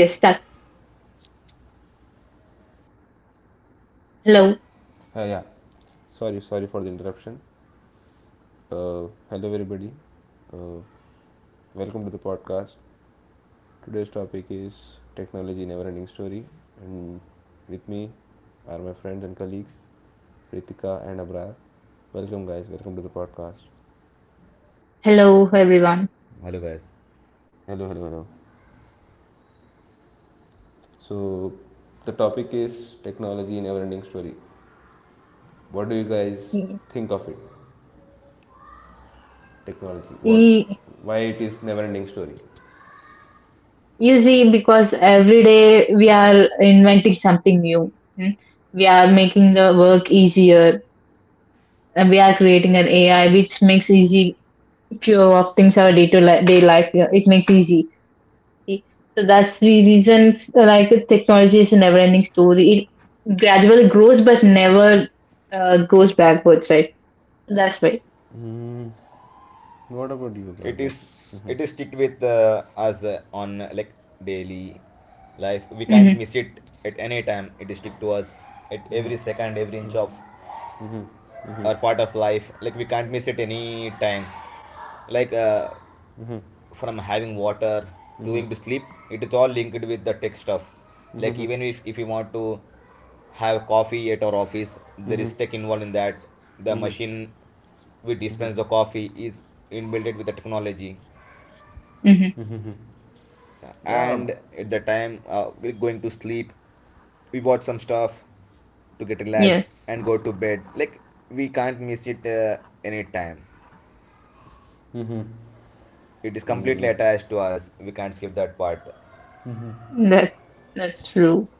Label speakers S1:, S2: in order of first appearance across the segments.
S1: Yes, that. Hello, hello, everyone.
S2: Hello guys.
S1: Y- y- You see, because every day we are inventing something new. Hmm? We are making the work easier, and we are creating an AI which makes easy few of things our day life. Yeah, It makes easy. See? So that's the reason. Like technology is a never-ending story. It gradually grows, but never goes backwards, right? That's why.
S2: It is it is sticked with us on like daily life. We can't
S1: Mm-hmm.
S2: miss it at any time, it is stick to us at every second, every inch of our part of life, like we can't miss it any time. Like from having water to going to sleep, it is all linked with the tech stuff. Like even if you want to have coffee at our office, there is tech involved in that. The machine we dispense the coffee is inbuilt with the technology.
S1: Mm-hmm.
S2: And at the time we're going to sleep, we watch some stuff to get relaxed
S1: Yes.
S2: and go to bed, like, we can't miss it any time, it is completely attached to us, we can't skip that part.
S1: That's that's true.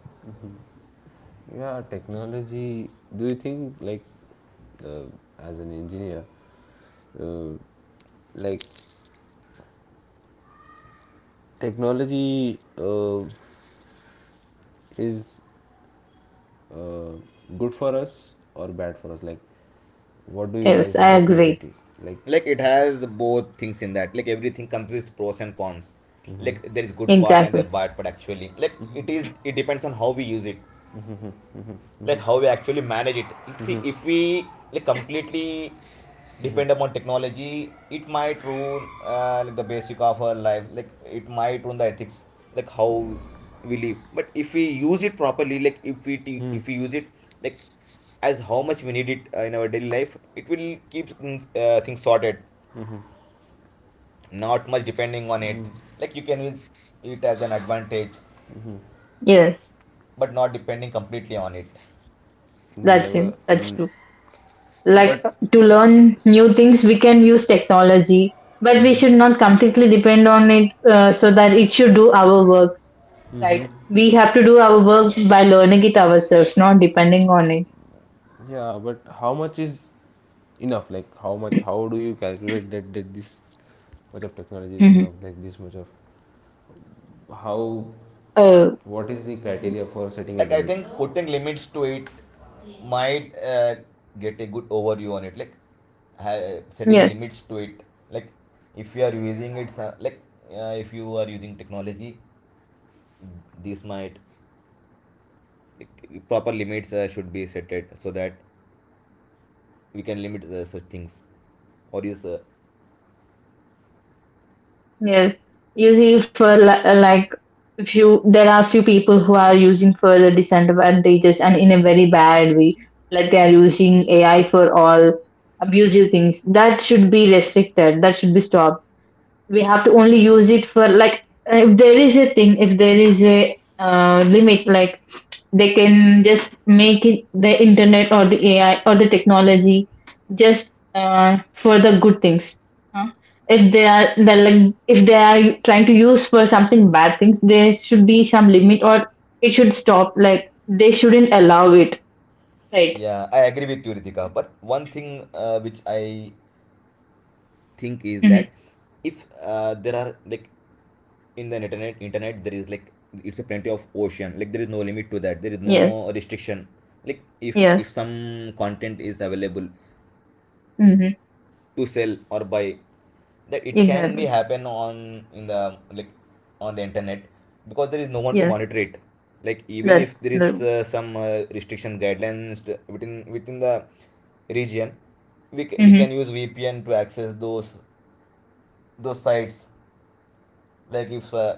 S1: Yes, I agree.
S2: Like it has both things in that, like everything comes with pros and cons. Like there is good part and the
S1: Exactly.
S2: bad part actually, like it depends on how we use it. Like how we actually manage it. You see, if we like completely depend upon technology, it might ruin like the basic of our life, like it might ruin the ethics, like how we live. But if we use it properly, like if we use it, like, as how much we need it in our daily life, it will keep things sorted, not much depending on it. Like you can use it as an advantage,
S1: Yes,
S2: but not depending completely on it.
S1: that's it. That's true. Like to learn new things, we can use technology, but we should not completely depend on it so that it should do our work, right? We have to do our work by learning it ourselves, not depending on it. Mm-hmm. Uh,
S2: Like I think putting limits to it might get a good overview on it. Like, setting
S1: yes.
S2: limits to it. Like, if you are using it, so- like if you are using technology, this might, like, proper limits should be set it so that we can limit such things. Or is
S1: Yes, usually for like few, there are few people who are using for the disadvantages and in a very bad way. Like they are using AI for all abusive things. That should be restricted. That should be stopped. We have to only use it for like if there is a thing, if there is a limit, like they can just make it the internet or the AI or the technology just for the good things. huh? If they are they like if they are trying to use for something bad things, there should be some limit or it should stop. Like they shouldn't allow it, right?
S2: Yeah, I agree with you, Ritika. But one thing which I think is
S1: Hmm.
S2: that if there are, like, in the internet there is, like, it's a plenty of ocean, like there is no limit to that, there is
S1: Yes,
S2: no restriction. Like if
S1: yes.
S2: some content is available
S1: Hmm.
S2: to sell or buy, that it can be
S1: Exactly.
S2: happen on in the, like, on the internet, because there is no one to
S1: Yes,
S2: monitor it. Like even
S1: that's
S2: if there is
S1: the.
S2: some restriction guidelines, within the region, we can
S1: Hmm.
S2: use VPN to access those sites. Like if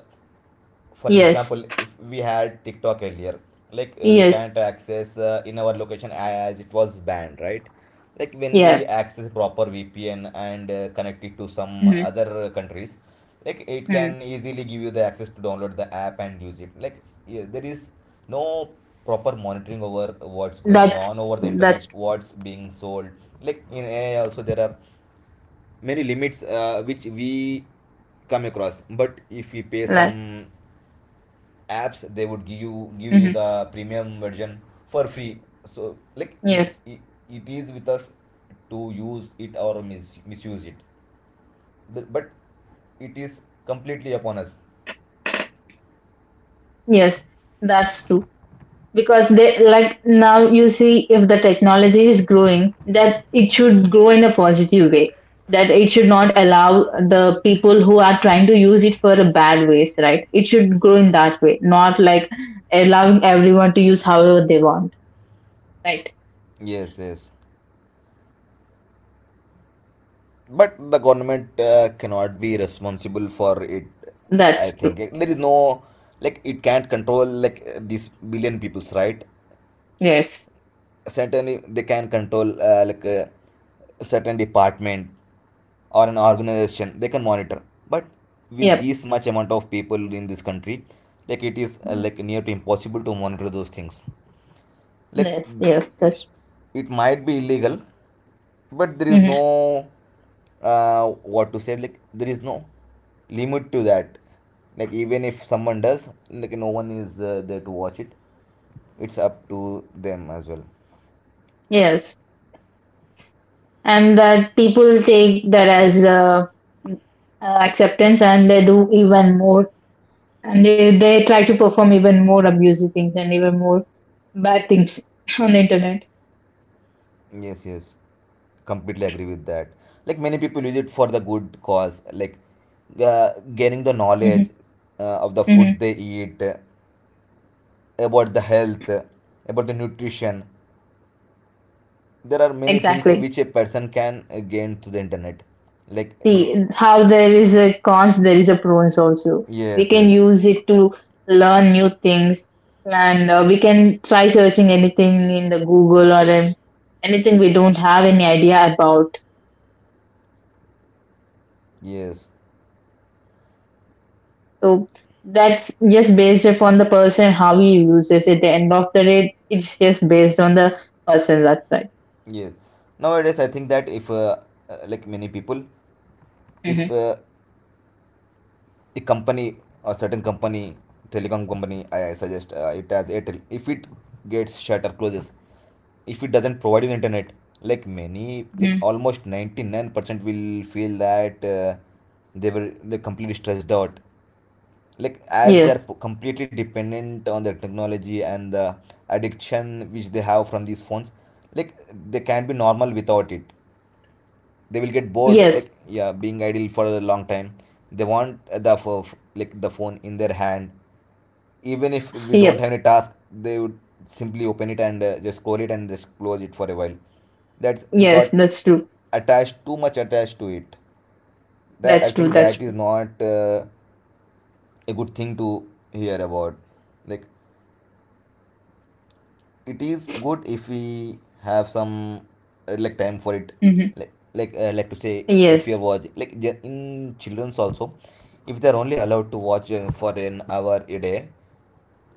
S2: for
S1: Yes,
S2: example, if we had TikTok earlier, like we
S1: yes,
S2: can't access in our location as it was banned, right. Like when we
S1: yeah.
S2: access proper VPN and connect it to some other countries, like it
S1: Hmm.
S2: can easily give you the access to download the app and use it, like, yeah, there is no proper monitoring over what's going on
S1: That's
S2: over
S1: that's
S2: the
S1: true.
S2: internet,
S1: That's
S2: what's being sold. Like in AI also there are many limits which we come across, but if we pay
S1: true. Like.
S2: some apps, they would give you
S1: Hmm.
S2: the premium version for free. So like if
S1: Yes,
S2: I- it is with us to use it or misuse it, but it is completely upon us.
S1: yes, that's true. Because they like now you see if the technology is growing, that it should grow in a positive way, that it should not allow the people who are trying to use it for a bad ways, right? It should grow in that way, not like allowing everyone to use however they want, right?
S2: Yes, yes, but the government cannot be responsible for it. I
S1: That's true.
S2: think there is no, like, it can't control, like these billion peoples, right.
S1: Yes.
S2: Certainly they can control like certain department or an organization, they can monitor, but with
S1: Yep.
S2: this much amount of people in this country, like it is like near to impossible to monitor those things. Like
S1: Yes, yes, that's
S2: it might be illegal, but there is
S1: hmm
S2: no what to say, like there is no limit to that. Like even if someone does, like no one is there to watch it, it's up to them as well.
S1: yes. And that people take that as uh, acceptance, and they do even more, and they try to perform even more abusive things and even more bad things on the internet.
S2: Yes, yes. Completely agree with that. Like many people use it for the good cause, like gaining the knowledge
S1: Hmm.
S2: of the food
S1: Hmm.
S2: they eat, about the health, about the nutrition. There are many things
S1: Exactly.
S2: which a person can gain through the internet. Like, we,
S1: See how there is a cons, there is a pros also. We
S2: yes,
S1: can
S2: yes,
S1: use it to learn new things, and we can try searching anything in the Google or in anything we don't have any idea about.
S2: yes,
S1: So that's just based upon the person how he uses it. At the end of the day, it's just based on the person. That's right.
S2: yes. Nowadays, I think that if like many people, if
S1: Hmm.
S2: a company, a certain company, telecom company, I suggest it as Airtel. If it gets shut or closes, if it doesn't provide you the internet, like many, like
S1: Hmm.
S2: almost 99% will feel that they completely stressed out. Like as they're
S1: Yes.
S2: p- completely dependent on the technology and the addiction which they have from these phones, like they can't be normal without it, they will get bored,
S1: Yes.
S2: like, yeah, being idle for a long time, they want like the phone in their hand, even if we don't
S1: Yep.
S2: have any task, they would simply open it and just scroll it and just close it for a while. That's we
S1: Yes,
S2: got
S1: that's true.
S2: attached, too much attached to it, that I
S1: That's true.
S2: think
S1: That's
S2: that is
S1: true.
S2: not a good thing to hear about. Like it is good if we have some like time for it.
S1: Mm-hmm.
S2: Like, like to say, if
S1: Yes.
S2: you watch like in children's also, if they're only allowed to watch for an hour a day,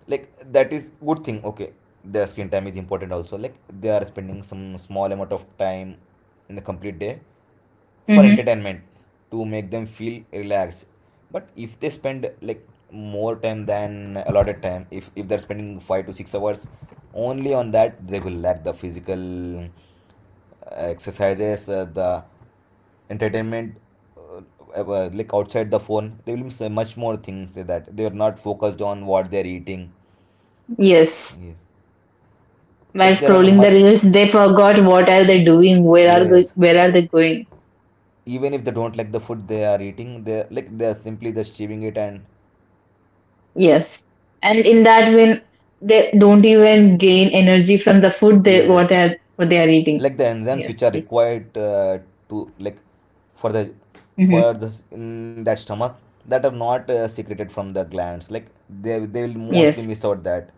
S2: like that is good thing, okay. Their screen time is important also, like they are spending some small amount of time in the complete day for
S1: Mm-hmm.
S2: entertainment to make them feel relaxed. But if they spend like more time than allotted time, if they're spending 5 to 6 hours only on that, they will lack the physical uh, exercises, the entertainment, uh, like outside the phone, they will miss much more things with that, they are not focused on what they are eating.
S1: Yes.
S2: Yes,
S1: While
S2: like there are
S1: scrolling the
S2: much.
S1: reels, they forgot what are they doing,
S2: Yes,
S1: where are they going.
S2: even if they don't like the food they are eating, they like, they are simply just chewing it, and
S1: Yes. And in that when they don't even gain energy from the food they
S2: yes,
S1: what they are eating.
S2: like the enzymes
S1: Yes.
S2: which are
S1: See.
S2: required to, like, for the, for
S1: Mm-hmm.
S2: this in that stomach, that are not secreted from the glands, like they will
S1: Yes.
S2: mostly miss out that.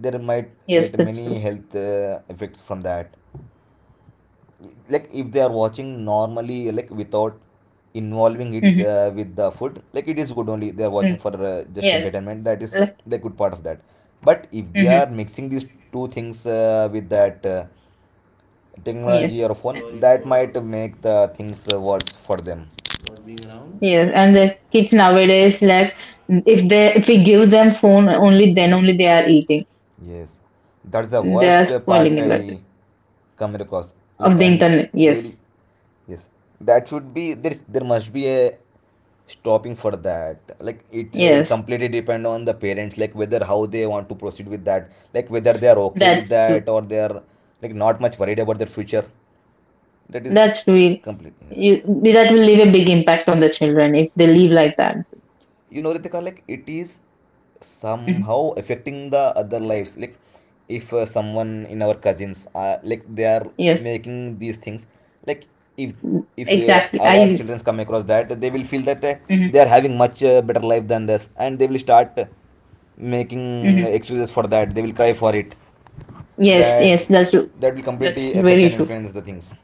S2: There might
S1: Yes,
S2: get
S1: that's true.
S2: many health effects from that. Like if they are watching normally, like without involving it
S1: Mm-hmm.
S2: with the food, like it is good only, they are watching
S1: Mm.
S2: for just
S1: Yes.
S2: entertainment, that is
S1: Like,
S2: the good part of that. But if they are
S1: mm-hmm,
S2: mixing these two things with that
S1: yes.
S2: technology or phone,
S3: Sorry
S2: that
S3: for
S2: might make the things worse for them.
S3: not being around.
S1: Yes. And the kids nowadays like if they if we give them phone only then only they are eating.
S2: Yes, that's the
S1: They are
S2: worst part
S1: spoiling a lot
S2: I come across. Like,
S1: of the
S2: I'm
S1: internet. Yes,
S2: very. Yes, that should be there, there must be a stopping for that, like it
S1: yes,
S2: completely depend on the parents, like whether how they want to proceed with that, like whether they are okay with
S1: that's true.
S2: that, or they are like not much worried about their future. That is
S1: That's real.
S2: complete. Yes.
S1: You, that will leave a big impact on the children if they live like that.
S2: You know, Ritika, like it is
S1: Mhm.
S2: somehow affecting the other lives, like if someone in our cousins like they are
S1: Yes,
S2: making these things, like if
S1: mm, exactly.
S2: our
S1: I.
S2: children come across that, they will feel that
S1: Mhm,
S2: they are having much better life than this, and they will start
S1: mhm.
S2: making excuses for that, they will cry for it,
S1: Yes,
S2: that
S1: yes, that's true.
S2: will
S1: That's
S2: completely affect
S1: very
S2: and
S1: true.
S2: influence the things,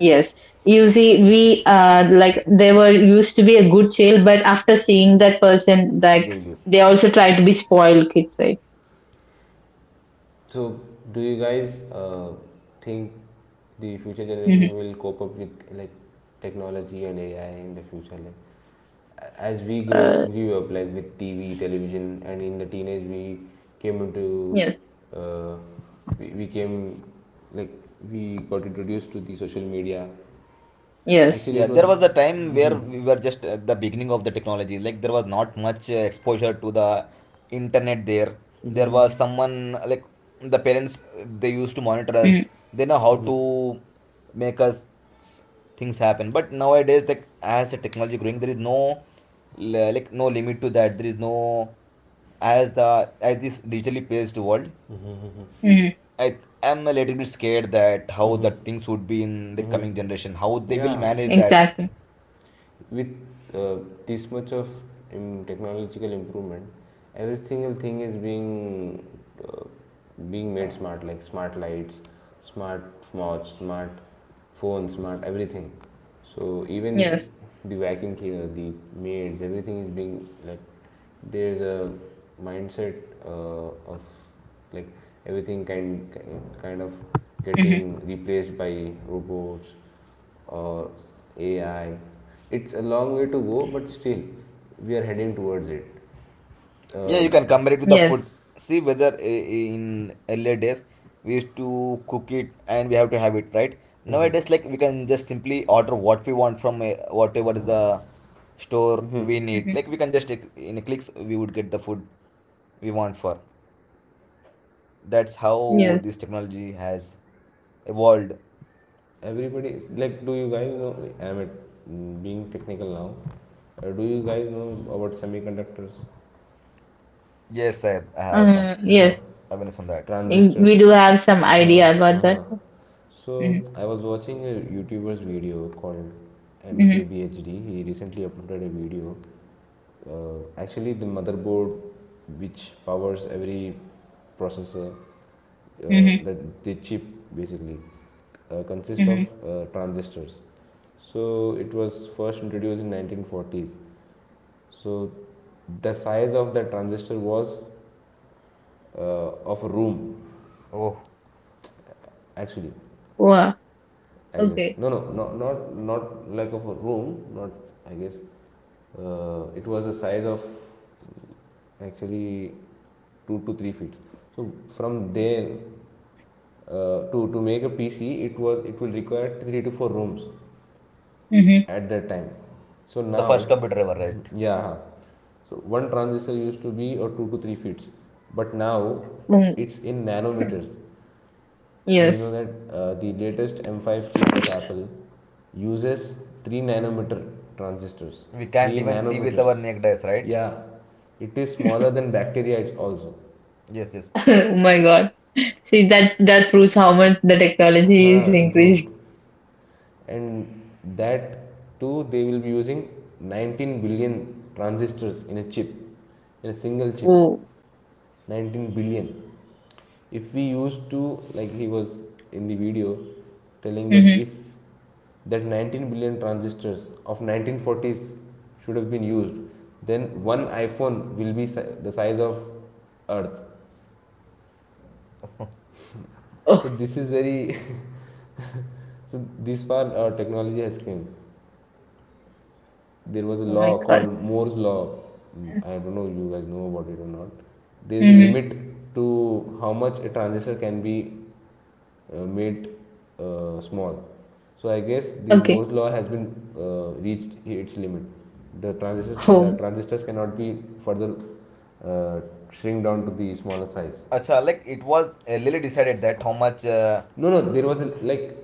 S1: Yes. You see, we like they were used to be a good child, but after seeing that person,
S2: they
S1: like
S2: will use.
S1: they also try to be spoiled kids, right?
S3: So, do you guys think the future
S1: Hmm.
S3: generation will cope up with, like, technology and AI in the future? Like, as we grow
S1: Uh,
S3: grew up, like, with TV, television, and in the teenage we came into
S1: yes,
S3: uh, we came like we got introduced to the social media.
S1: yes.
S3: Actually, it
S2: Yeah, there
S3: was
S2: was a time where we were just at the beginning of the technology. Like there was not much exposure to the internet there. There was someone, like the parents, they used to monitor
S1: Mm-hmm.
S2: us. They know how to make us things happen. But nowadays, like as the technology growing, there is no like no limit to that. There is no, as the, as this digitally paced world.
S1: Mm-hmm.
S2: I am a little bit scared that how the things would be in the coming generation, how they will
S3: yeah
S2: manage that.
S1: Exactly.
S3: with uh, this much of technological improvement, every single thing is being made smart, like smart lights, smart watch, smart phone, smart everything. So even
S1: Yes.
S3: the vacuum cleaner, the maids, everything is being, like, there's a mindset of, like, everything kind of getting
S1: Hmm.
S3: replaced by robots or AI. It's a long way to go, but still, we are heading towards it.
S2: Yeah,
S3: Uh,
S2: you can compare it with the food.
S1: Yes.
S2: See whether in earlier days we used to cook it and we have to have it, right? Nowadays, like we can just simply order what we want from a, whatever the store we
S3: mm-hmm.
S2: need.
S1: Hmm.
S2: Like we can just in clicks we would get the food we want for. That's how
S1: Yes.
S2: this technology has evolved.
S3: Everybody is, like, do you guys know? I'm at, being technical now. Do you guys know about semiconductors?
S2: Yes, I have some
S3: Uh-huh.
S1: Yes.
S2: awareness on that.
S1: We
S3: Transistors.
S1: do have some
S3: Uh-huh.
S1: idea about that.
S3: Uh-huh.
S1: Mm-hmm.
S3: So I was watching a YouTuber's video called
S1: Mm-hmm.
S3: MKBHD. He recently uploaded a video. Actually, the motherboard which powers every processor,
S1: Mm-hmm.
S3: the chip basically, consists
S1: Hmm.
S3: of transistors. So it was first introduced in 1940s. So the size of the transistor was, of a room,
S2: Oh,
S3: actually,
S1: Wow.
S3: I guess.
S1: Okay.
S3: No, no, not, like, of a room. Not, I guess. It was a size of, actually, 2 to 3 feet. So from there, to make a PC, it will require three to four rooms
S1: Mm-hmm.
S3: at that time. So
S2: the first
S3: now,
S2: computer ever, right?
S3: yeah. So one transistor used to be or 2 to 3 feet, but now
S1: Mm.
S3: it's in nanometers. Do you know
S1: Yes.
S3: that, the latest M5 chip of Apple uses 3 nanometer transistors?
S2: We can't
S3: 3
S2: even see with
S3: nanometers.
S2: our naked eyes, right?
S3: Yeah, it is smaller than bacteria, also.
S2: Yes, yes.
S1: Oh my God. See that that proves how much the technology is increasing.
S3: Improved. And that too, they will be using 19 billion transistors in a chip, in a single chip.
S1: Oh.
S3: 19 billion, if we used to, like, he was in the video telling that
S1: Mm-hmm.
S3: if that 19 billion transistors of 1940s should have been used, then one iphone will be the size of earth.
S1: Oh.
S3: So this is very. So this far, technology has came. There was a
S1: Oh my
S3: law
S1: God.
S3: called Moore's law. I don't know you guys know about it or not. There is a
S1: Mm-hmm.
S3: limit to how much a transistor can be made small. So I guess the
S1: Okay.
S3: Moore's law has been, reached its limit. The
S1: Home.
S3: transistors cannot be further, uh, shrink down to the smaller size.
S2: Acha, like it was Lily decided that how much.
S3: No, no, there was a, like,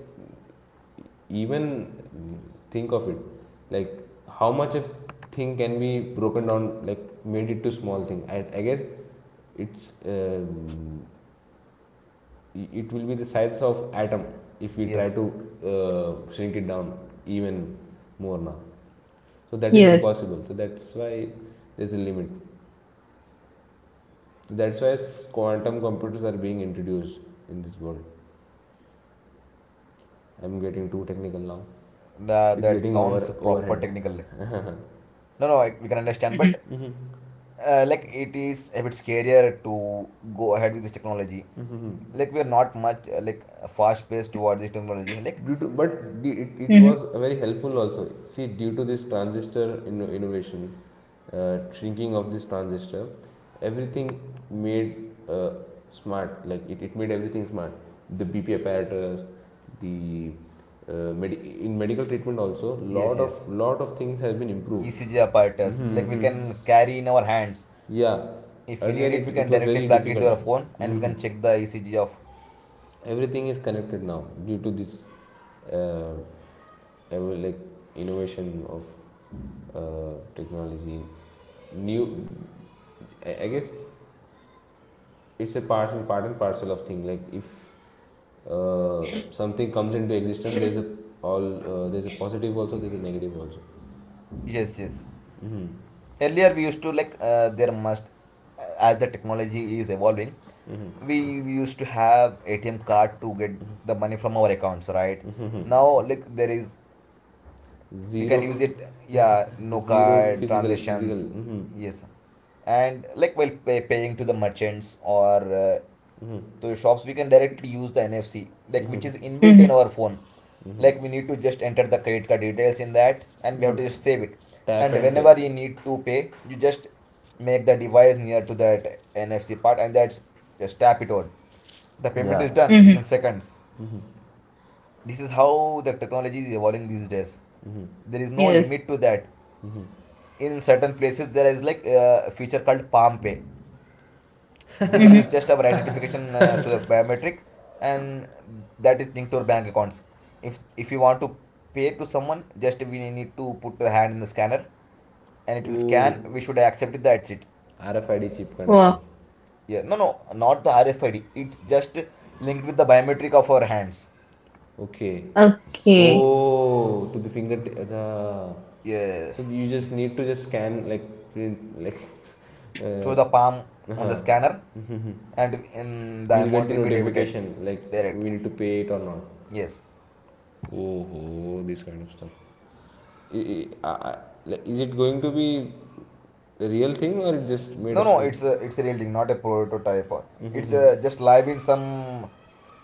S3: even think of it, like how much a thing can be broken down, like made it to small thing. I guess it's um, it will be the size of atom if we try
S2: Yes,
S3: to shrink it down even more now. So that is
S1: Yes.
S3: impossible. So that's why there's a limit. So that's why quantum computers are being introduced in this world. I'm getting too technical now. It's
S2: that
S3: getting
S2: sounds proper
S3: overhead.
S2: technically. No, no, I, we can understand,
S1: Mm-hmm.
S2: but like it is a bit scarier to go ahead with this technology. Like we are not much like fast paced towards this technology. Like,
S3: due to but the, it
S1: Mm-hmm.
S3: was very helpful also, see. Due to this transistor innovation, shrinking of this transistor, everything made smart, like it made everything smart. The bp apparatus, the in medical treatment also,
S2: yes, yes,
S3: lot of things has been improved.
S2: ECG apparatus. Like we can carry in our hands.
S3: Yeah,
S2: If we
S3: earlier
S2: need it,
S3: it,
S2: we
S3: it
S2: can
S3: was
S2: directly
S3: very
S2: plug it
S3: difficult.
S2: to our phone and we
S3: hmm
S2: can check the ECG of.
S3: Everything is connected now due to this uh, ever, like, innovation of technology new. I guess it's a part and parcel of thing, like if something comes into existence, there's a positive also, there's a negative also.
S2: Yes, yes.
S3: Hmm.
S2: Earlier we used to like there must as the technology is evolving, we used to have ATM card to get the money from our accounts, right? Now like there is, we
S3: Zero.
S2: can use it. Yeah, no
S3: Zero
S2: card
S3: physical
S2: transactions.
S3: mhm.
S2: Yes, and like while paying to the merchants or to shops, we can directly use the NFC, like which is inbuilt in
S1: Mm-hmm.
S2: our phone. Like we need to just enter the credit card details in that and we have to just save it.
S3: Tap
S2: And
S3: and pay.
S2: whenever you need to pay, you just make the device near to that NFC part and that's, just tap it on, the payment
S3: Yeah.
S2: is done
S1: Mm-hmm.
S2: within seconds. This is how the technology is evolving these days. There is no
S1: Yes.
S2: limit to that. In certain places there is like a feature called palm pay. They will use
S1: Mm-hmm.
S2: just our identification to the biometric, and that is linked to our bank accounts. If you want to pay to someone, just we need to put the hand in the scanner, and it will scan, we
S3: Ooh,
S2: should accept it, that's it.
S3: RFID chip kind of thing.
S1: Wow.
S2: Yeah, no, no, not the RFID, it's just linked with the biometric of our hands.
S3: Okay.
S1: Okay.
S3: Oh, to the finger. So
S2: Yes,
S3: you just need to just scan, like print, like. Uh,
S2: through the palm, on the
S3: uh-huh.
S2: scanner, and in the
S3: You'll get
S2: amount
S3: the
S2: will be debited
S3: notification, like,
S2: direct.
S3: we need to pay it or not.
S2: Yes.
S3: Oh, oh, this kind of stuff. I, I, I, like, is it going to be a real thing or it just made
S2: No,
S3: up
S2: no,
S3: thing?
S2: it's a real thing, not a prototype. It's just live in some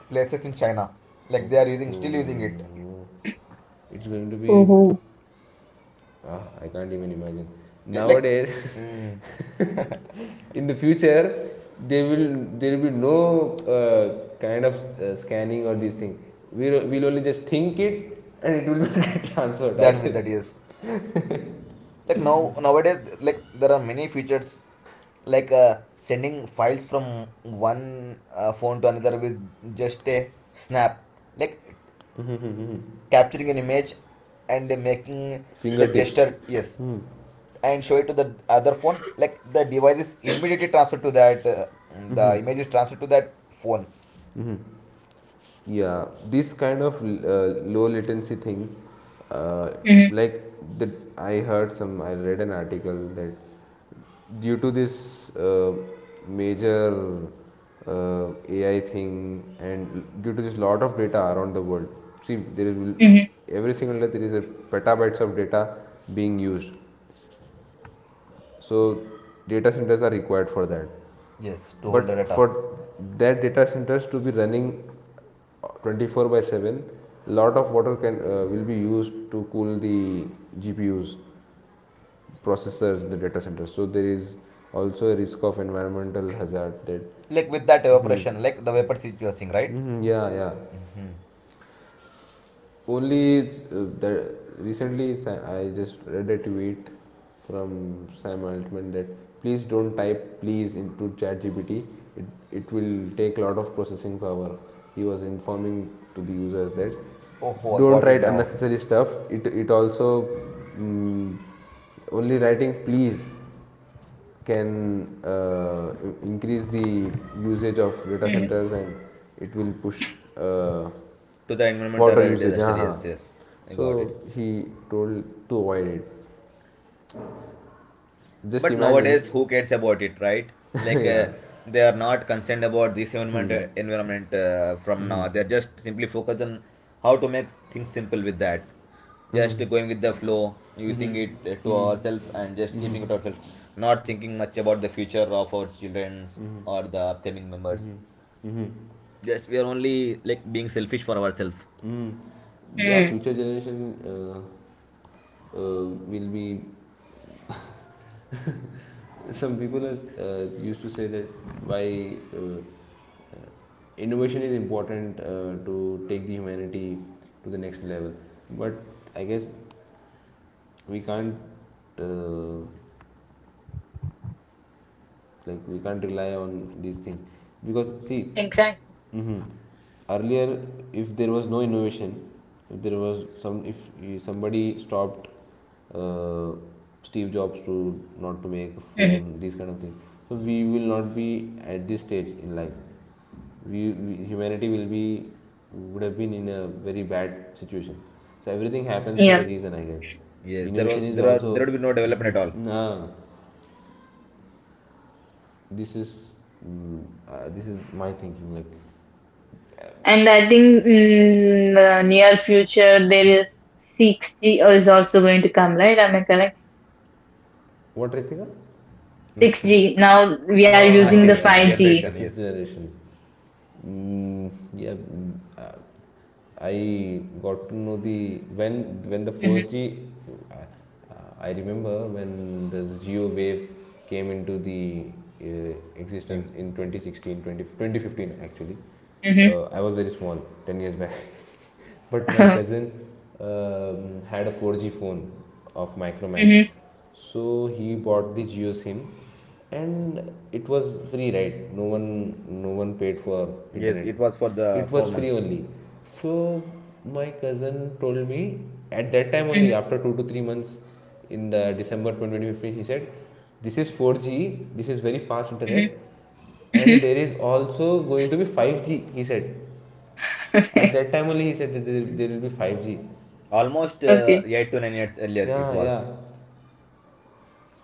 S2: places in China. Like they are using, still
S3: Okay.
S2: using it.
S3: It's going to be.
S1: Oh.
S3: Ah, I can't even imagine.
S2: Yeah, like,
S3: Nowadays,
S2: mm,
S3: in the future, there will be no kind of scanning or these things. We'll only just think it, and it will be
S2: it's
S3: transferred, I
S2: done with
S3: guess.
S2: that. Yes. Like now nowadays, like there are many features, like sending files from one phone to another with just a snap. Like capturing an image and making the
S3: Fingertips.
S2: gesture. Yes,
S3: Hmm.
S2: and show it to the other phone, like the device is immediately transferred to that the image is transferred to that phone.
S3: Yeah, this kind of low latency things, uh,
S1: Mm-hmm.
S3: like, the I heard some, I read an article that due to this major, AI thing, and due to this lot of data around the world, see, there is
S1: Mm-hmm.
S3: every single day there is a petabytes of data being used. So data centers are required for that.
S2: Yes, to hold the
S3: But
S2: data.
S3: for that data centers to be running 24 by 7, lot of water can will be used to cool the GPUs, processors in the data center. So there is also a risk of environmental hazard that.
S2: Like with that evaporation, like the vapor which you are seeing, right?
S3: Mhm, yeah, yeah.
S2: Mm-hmm.
S3: Only, that recently, I just read a tweet from Sam Altman that please don't type please into ChatGPT. It it will take a lot of processing power. He was informing to the users that
S2: Oh, oh, I
S3: don't
S2: got it
S3: write
S2: now.
S3: unnecessary stuff. It also, mm, only writing please can, increase the usage of data centers, and it will push, uh,
S2: To the
S3: water
S2: environmental
S3: usage.
S2: disaster,
S3: हाँ हाँ.
S2: yes, yes, I got it.
S3: So he told to avoid it. Just
S2: But
S3: imagine.
S2: nowadays, who cares about it, right? Like
S3: Yeah.
S2: they are not concerned about this environment from now. They're just simply focused on how to make things simple with that. Just going with the flow, using it to ourselves, and just keeping it ourselves. Not thinking much about the future of our childrens or the upcoming members. Just we are only like being selfish for ourselves.
S3: Mm. Yeah,
S1: Mm-hmm.
S3: future generation uh, will be. Some people is, used to say that why, innovation is important, to take the humanity to the next level. But I guess we can't, uh, rely on these things, because, see,
S1: Exactly.
S3: mhm, earlier, if there was no innovation, if somebody stopped, uh, Steve Jobs, to not to make a
S1: Mm-hmm.
S3: phone, these kind of things, so we will not be at this stage in life. We, humanity, will be would have been in a very bad situation. So everything happens for a
S1: Yeah,
S3: reason, I guess.
S2: Yes, there was
S3: Innovation is
S2: there are
S3: also.
S2: there would be no development at all.
S3: Nah, this is, my thinking. Like,
S1: and I think in the near future there is 6G is also going to come, right? Am I correct?
S3: what, Ritika?
S2: Which thing?
S1: 6G. Now we are
S2: Ah,
S1: using the
S3: Huh? Yeah,
S1: 5G.
S3: the
S2: generation.
S3: fifth
S2: Yes,
S3: generation. Yeah. I got to know the
S1: Mm-hmm.
S3: 4G, uh, I remember when the Geo wave came into the, existence
S2: in.
S3: in 2015, actually.
S1: Mm-hmm.
S3: I was very small, 10 years back. But my cousin, had a 4G phone of Micromax,
S1: Mm-hmm.
S3: so he bought the Geo SIM, and it was free, right? No one paid for
S2: Yes,
S3: internet.
S2: it was for the
S3: It
S2: four
S3: was free
S2: months.
S3: only. So my cousin told me, at that time,
S1: Mm-hmm.
S3: only after 2 to 3 months, in the December 2015, he said, "This is 4G. This is very fast internet." And
S1: Mm-hmm.
S3: there is also going to be 5G, he said. At
S1: Okay.
S3: that time only, he said that there will be 5G.
S2: Almost
S1: Okay.
S2: 8 to 9 years earlier, it
S3: Yeah, yeah.
S2: was.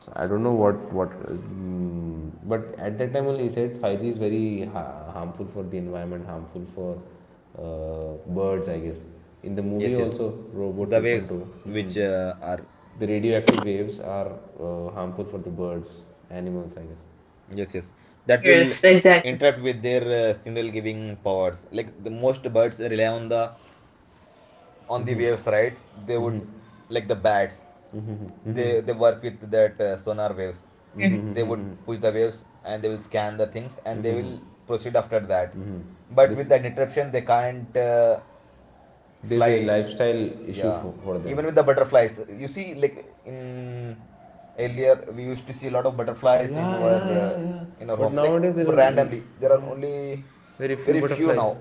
S3: So I don't know what, but at that time only, he said 5G is very harmful for the environment, harmful for, birds, I guess. In the movie
S2: Yes, yes.
S3: also, Robot
S2: The waves
S3: 2.0, mhm,
S2: which are.
S3: the radioactive waves are, harmful for the birds, animals, I guess.
S2: Yes, yes. That will
S1: Yes, exactly.
S2: interact with their signal giving powers. Like the most birds rely on the waves, right? They would, like the bats. They work with that sonar waves.
S1: Hmm.
S2: They would push the waves and they will scan the things and they will proceed after that. But with
S3: This
S2: that interruption, they can't
S3: There's a
S2: fly.
S3: lifestyle issue
S2: Yeah,
S3: for, them.
S2: even with the butterflies, you see, like in, earlier we used to see a lot of
S3: Ah,
S2: butterflies
S3: yeah, yeah, yeah, yeah.
S2: in our
S3: But
S2: home, like
S3: nowadays there are
S2: randomly. There are only
S3: very few
S2: very few now.
S3: butterflies.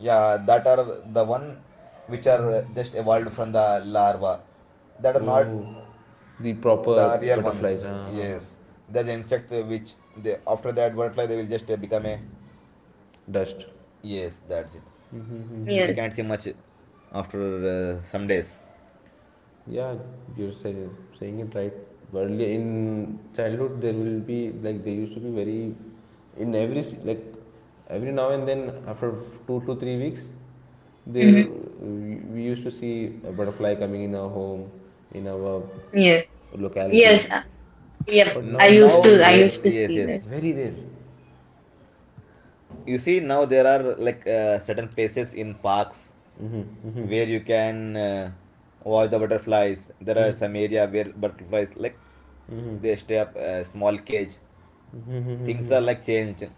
S2: Yeah, that are the one which are just evolved from the larva, that are not
S3: Oh, the proper
S2: the real
S3: butterflies.
S2: ones.
S3: Ah, ah, ah.
S2: Yes, there's an insect which they after that butterfly they will just become a,
S3: Dust.
S2: yes, that's it. We
S1: Yes.
S2: can't see much after some days.
S3: Yeah, you're saying it right. Early in childhood, there will be, like, they used to be very, in every, like, every now and then, after 2 to 3 weeks, there,
S1: Mm-hmm.
S3: we used to see a butterfly coming in our home, in our
S1: Yes.
S3: locality,
S1: Yes. Yep.
S3: but
S2: N-
S3: now
S1: I
S3: it's
S1: used
S2: now
S3: very
S1: to I
S3: rare.
S1: used to
S2: yes,
S1: see
S2: yes,
S1: that.
S3: Very rare.
S2: you see now there are like certain places in parks where you can watch the butterflies. There are some area where butterflies like they stay up a small cage. Things are like changed.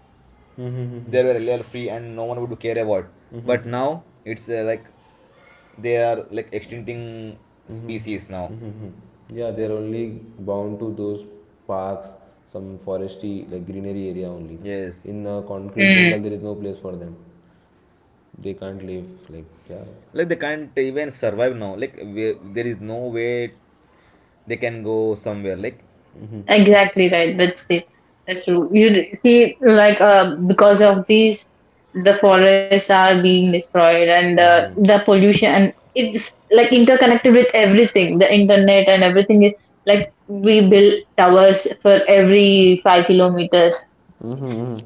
S2: They were earlier free and no one would care about, but now it's like they are like extincting species now.
S3: Mhm. Yeah, they're only bound to those parks, some foresty, like greenery area only.
S2: Yes,
S3: In a concrete jungle,
S1: Hmm.
S3: there is no place for them. They can't live. Like, yeah,
S2: like they can't even survive now, like where, there is no way they can go somewhere like
S1: Exactly right. That's it. That's true. You see, like because of these, the forests are being destroyed, and the pollution. And it's like interconnected with everything. The internet and everything is like we build towers for every 5 kilometers.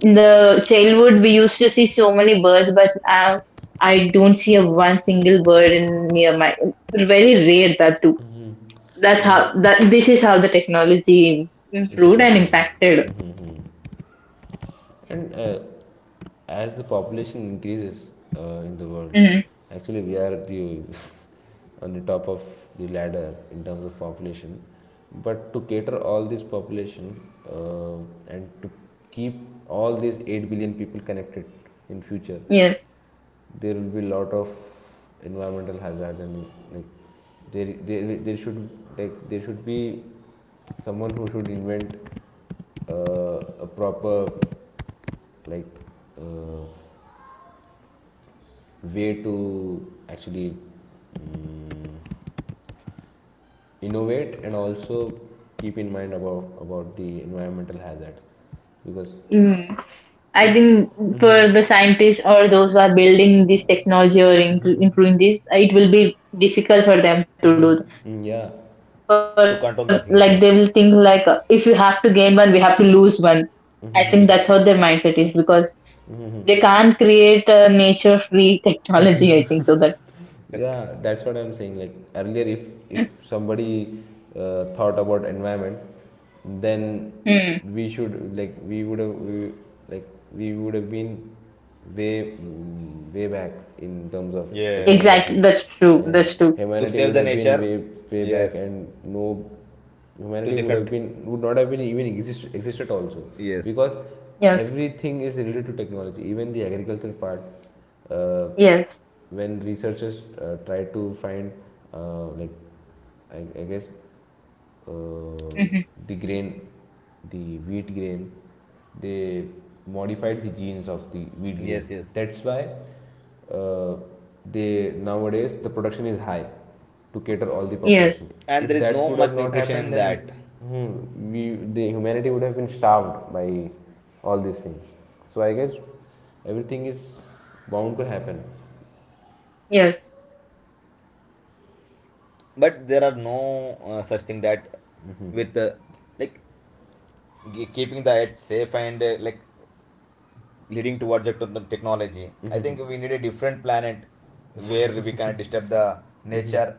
S1: In the childhood, we used to see so many birds, but now I don't see a one single bird in near my. Very rare that too. That's
S3: yeah,
S1: how that this is how the technology
S3: it's
S1: improved and
S3: affecting.
S1: impacted.
S3: Mm-hmm. And, as the population increases, in the world,
S1: Mhm.
S3: actually, we are the, on the top of the ladder in terms of population. But to cater all this population, uh, and to keep all these 8 billion people connected in future,
S1: Yes.
S3: there will be lot of environmental hazards, and, like, there should like there should be someone who should invent, a proper, like, uh, way to actually, um, innovate, and also keep in mind about, the environmental hazard, because
S1: Mm. I
S3: if.
S1: think for
S3: Mhm.
S1: the scientists or those who are building this technology or improving this, it will be difficult for them to do. For
S3: Yeah,
S1: like they will think
S2: to
S1: like
S2: control
S1: if
S2: the
S1: we
S2: things.
S1: have to
S2: Yes.
S1: gain one, we have to lose one. I think that's how their mindset is, because they can't create a nature-free technology. I think so that.
S3: yeah, that's what I'm saying, like, earlier, if, somebody, thought about environment, then,
S1: Mm.
S3: we should like we would have we, like we would have been way back in terms of
S2: Yes.
S3: technology,
S1: Exactly. That's true.
S3: and
S1: That's true.
S2: To
S3: humanity
S2: save
S3: would
S2: the
S3: have been
S2: nature.
S3: way
S2: Yes.
S3: back, and no
S2: To
S3: humanity
S2: different.
S3: would not have been even existed also,
S2: Yes.
S3: because
S1: Yes.
S3: everything is related to technology, even the agricultural part, uh,
S1: Yes.
S3: when researchers, try to find, uh, like I guess, uh,
S1: Hmm.
S3: the grain, the wheat grain, they modified the genes of the wheat grain.
S2: Yes, yes.
S3: That's why, uh, they nowadays the production is high to cater all the
S1: Yes.
S3: population.
S2: And there
S3: If
S2: is
S3: that
S2: no
S3: could have
S2: much
S3: not
S2: nutrition
S3: happened,
S2: in
S3: then,
S2: that.
S3: we the humanity would have been starved by all these things. So I guess everything is bound to happen.
S1: Yes.
S2: But there are no such thing that with like keeping the earth safe and like leading towards the technology. I think we need a different planet where we can disturb the nature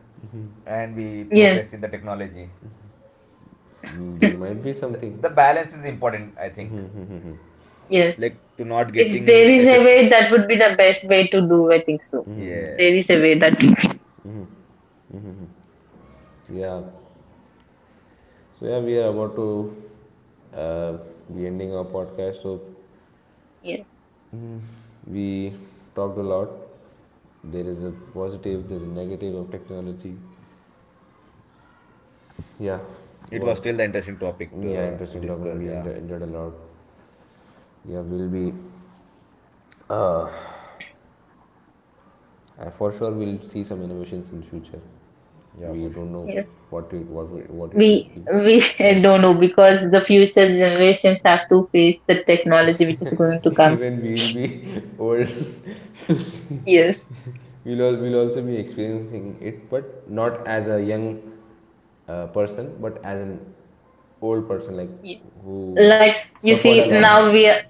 S2: and we
S1: Yes,
S2: progress in the technology.
S3: There might be something.
S2: The balance is important, I think.
S1: yes.
S2: Like to not
S1: If there
S2: getting
S1: is a
S2: effect.
S1: way, that would be the best way to do. I think so. There
S2: Yes.
S1: is a way that
S3: Mhm. Yeah. So yeah, we are about to, uh, be ending our podcast. So
S1: yes,
S3: we talked a lot. There is a positive, there's a negative of technology. Yeah,
S2: It
S3: what?
S2: was still the interesting topic
S3: Yeah,
S2: to
S3: interesting talking.
S2: discuss.
S3: We
S2: Yeah,
S3: enjoyed a lot. Yeah, we'll be, uh, for sure. We'll see some innovations in future.
S2: yeah, for
S3: We
S2: sure.
S3: don't know
S1: yes.
S3: what it what it- what it would be,
S1: We
S3: but
S1: don't know, because the future generations have to face the technology which is going to come.
S3: even we'll be old to see.
S1: Yes.
S3: We'll also be experiencing it, but not as a young, person, but as an old person, like
S1: Ye-
S3: who
S1: Like you
S3: suffered a
S1: see
S3: lot.
S1: now we are-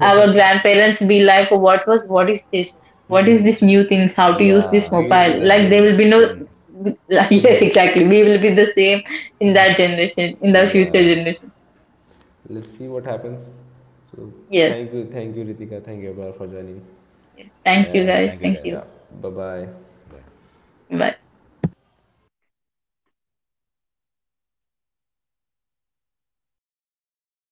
S1: our grandparents be like, what was what is this? What is this new things? How to use this
S3: Yeah,
S2: We would be
S1: mobile?
S2: the
S3: yeah,
S1: Like there
S2: same
S1: will be no.
S2: then.
S1: Yes, exactly. We will be the same in that generation, in the
S3: yeah.
S1: future generation.
S3: Let's see what happens. So
S1: Yes.
S3: thank you, Ritika, thank you, Abra, for joining,
S1: Yeah. Thank you,
S2: Okay,
S3: and
S1: guys.
S2: thank you
S1: Thank
S2: guys.
S3: yeah,
S1: you.
S3: bye bye.
S2: Bye.
S1: Bye.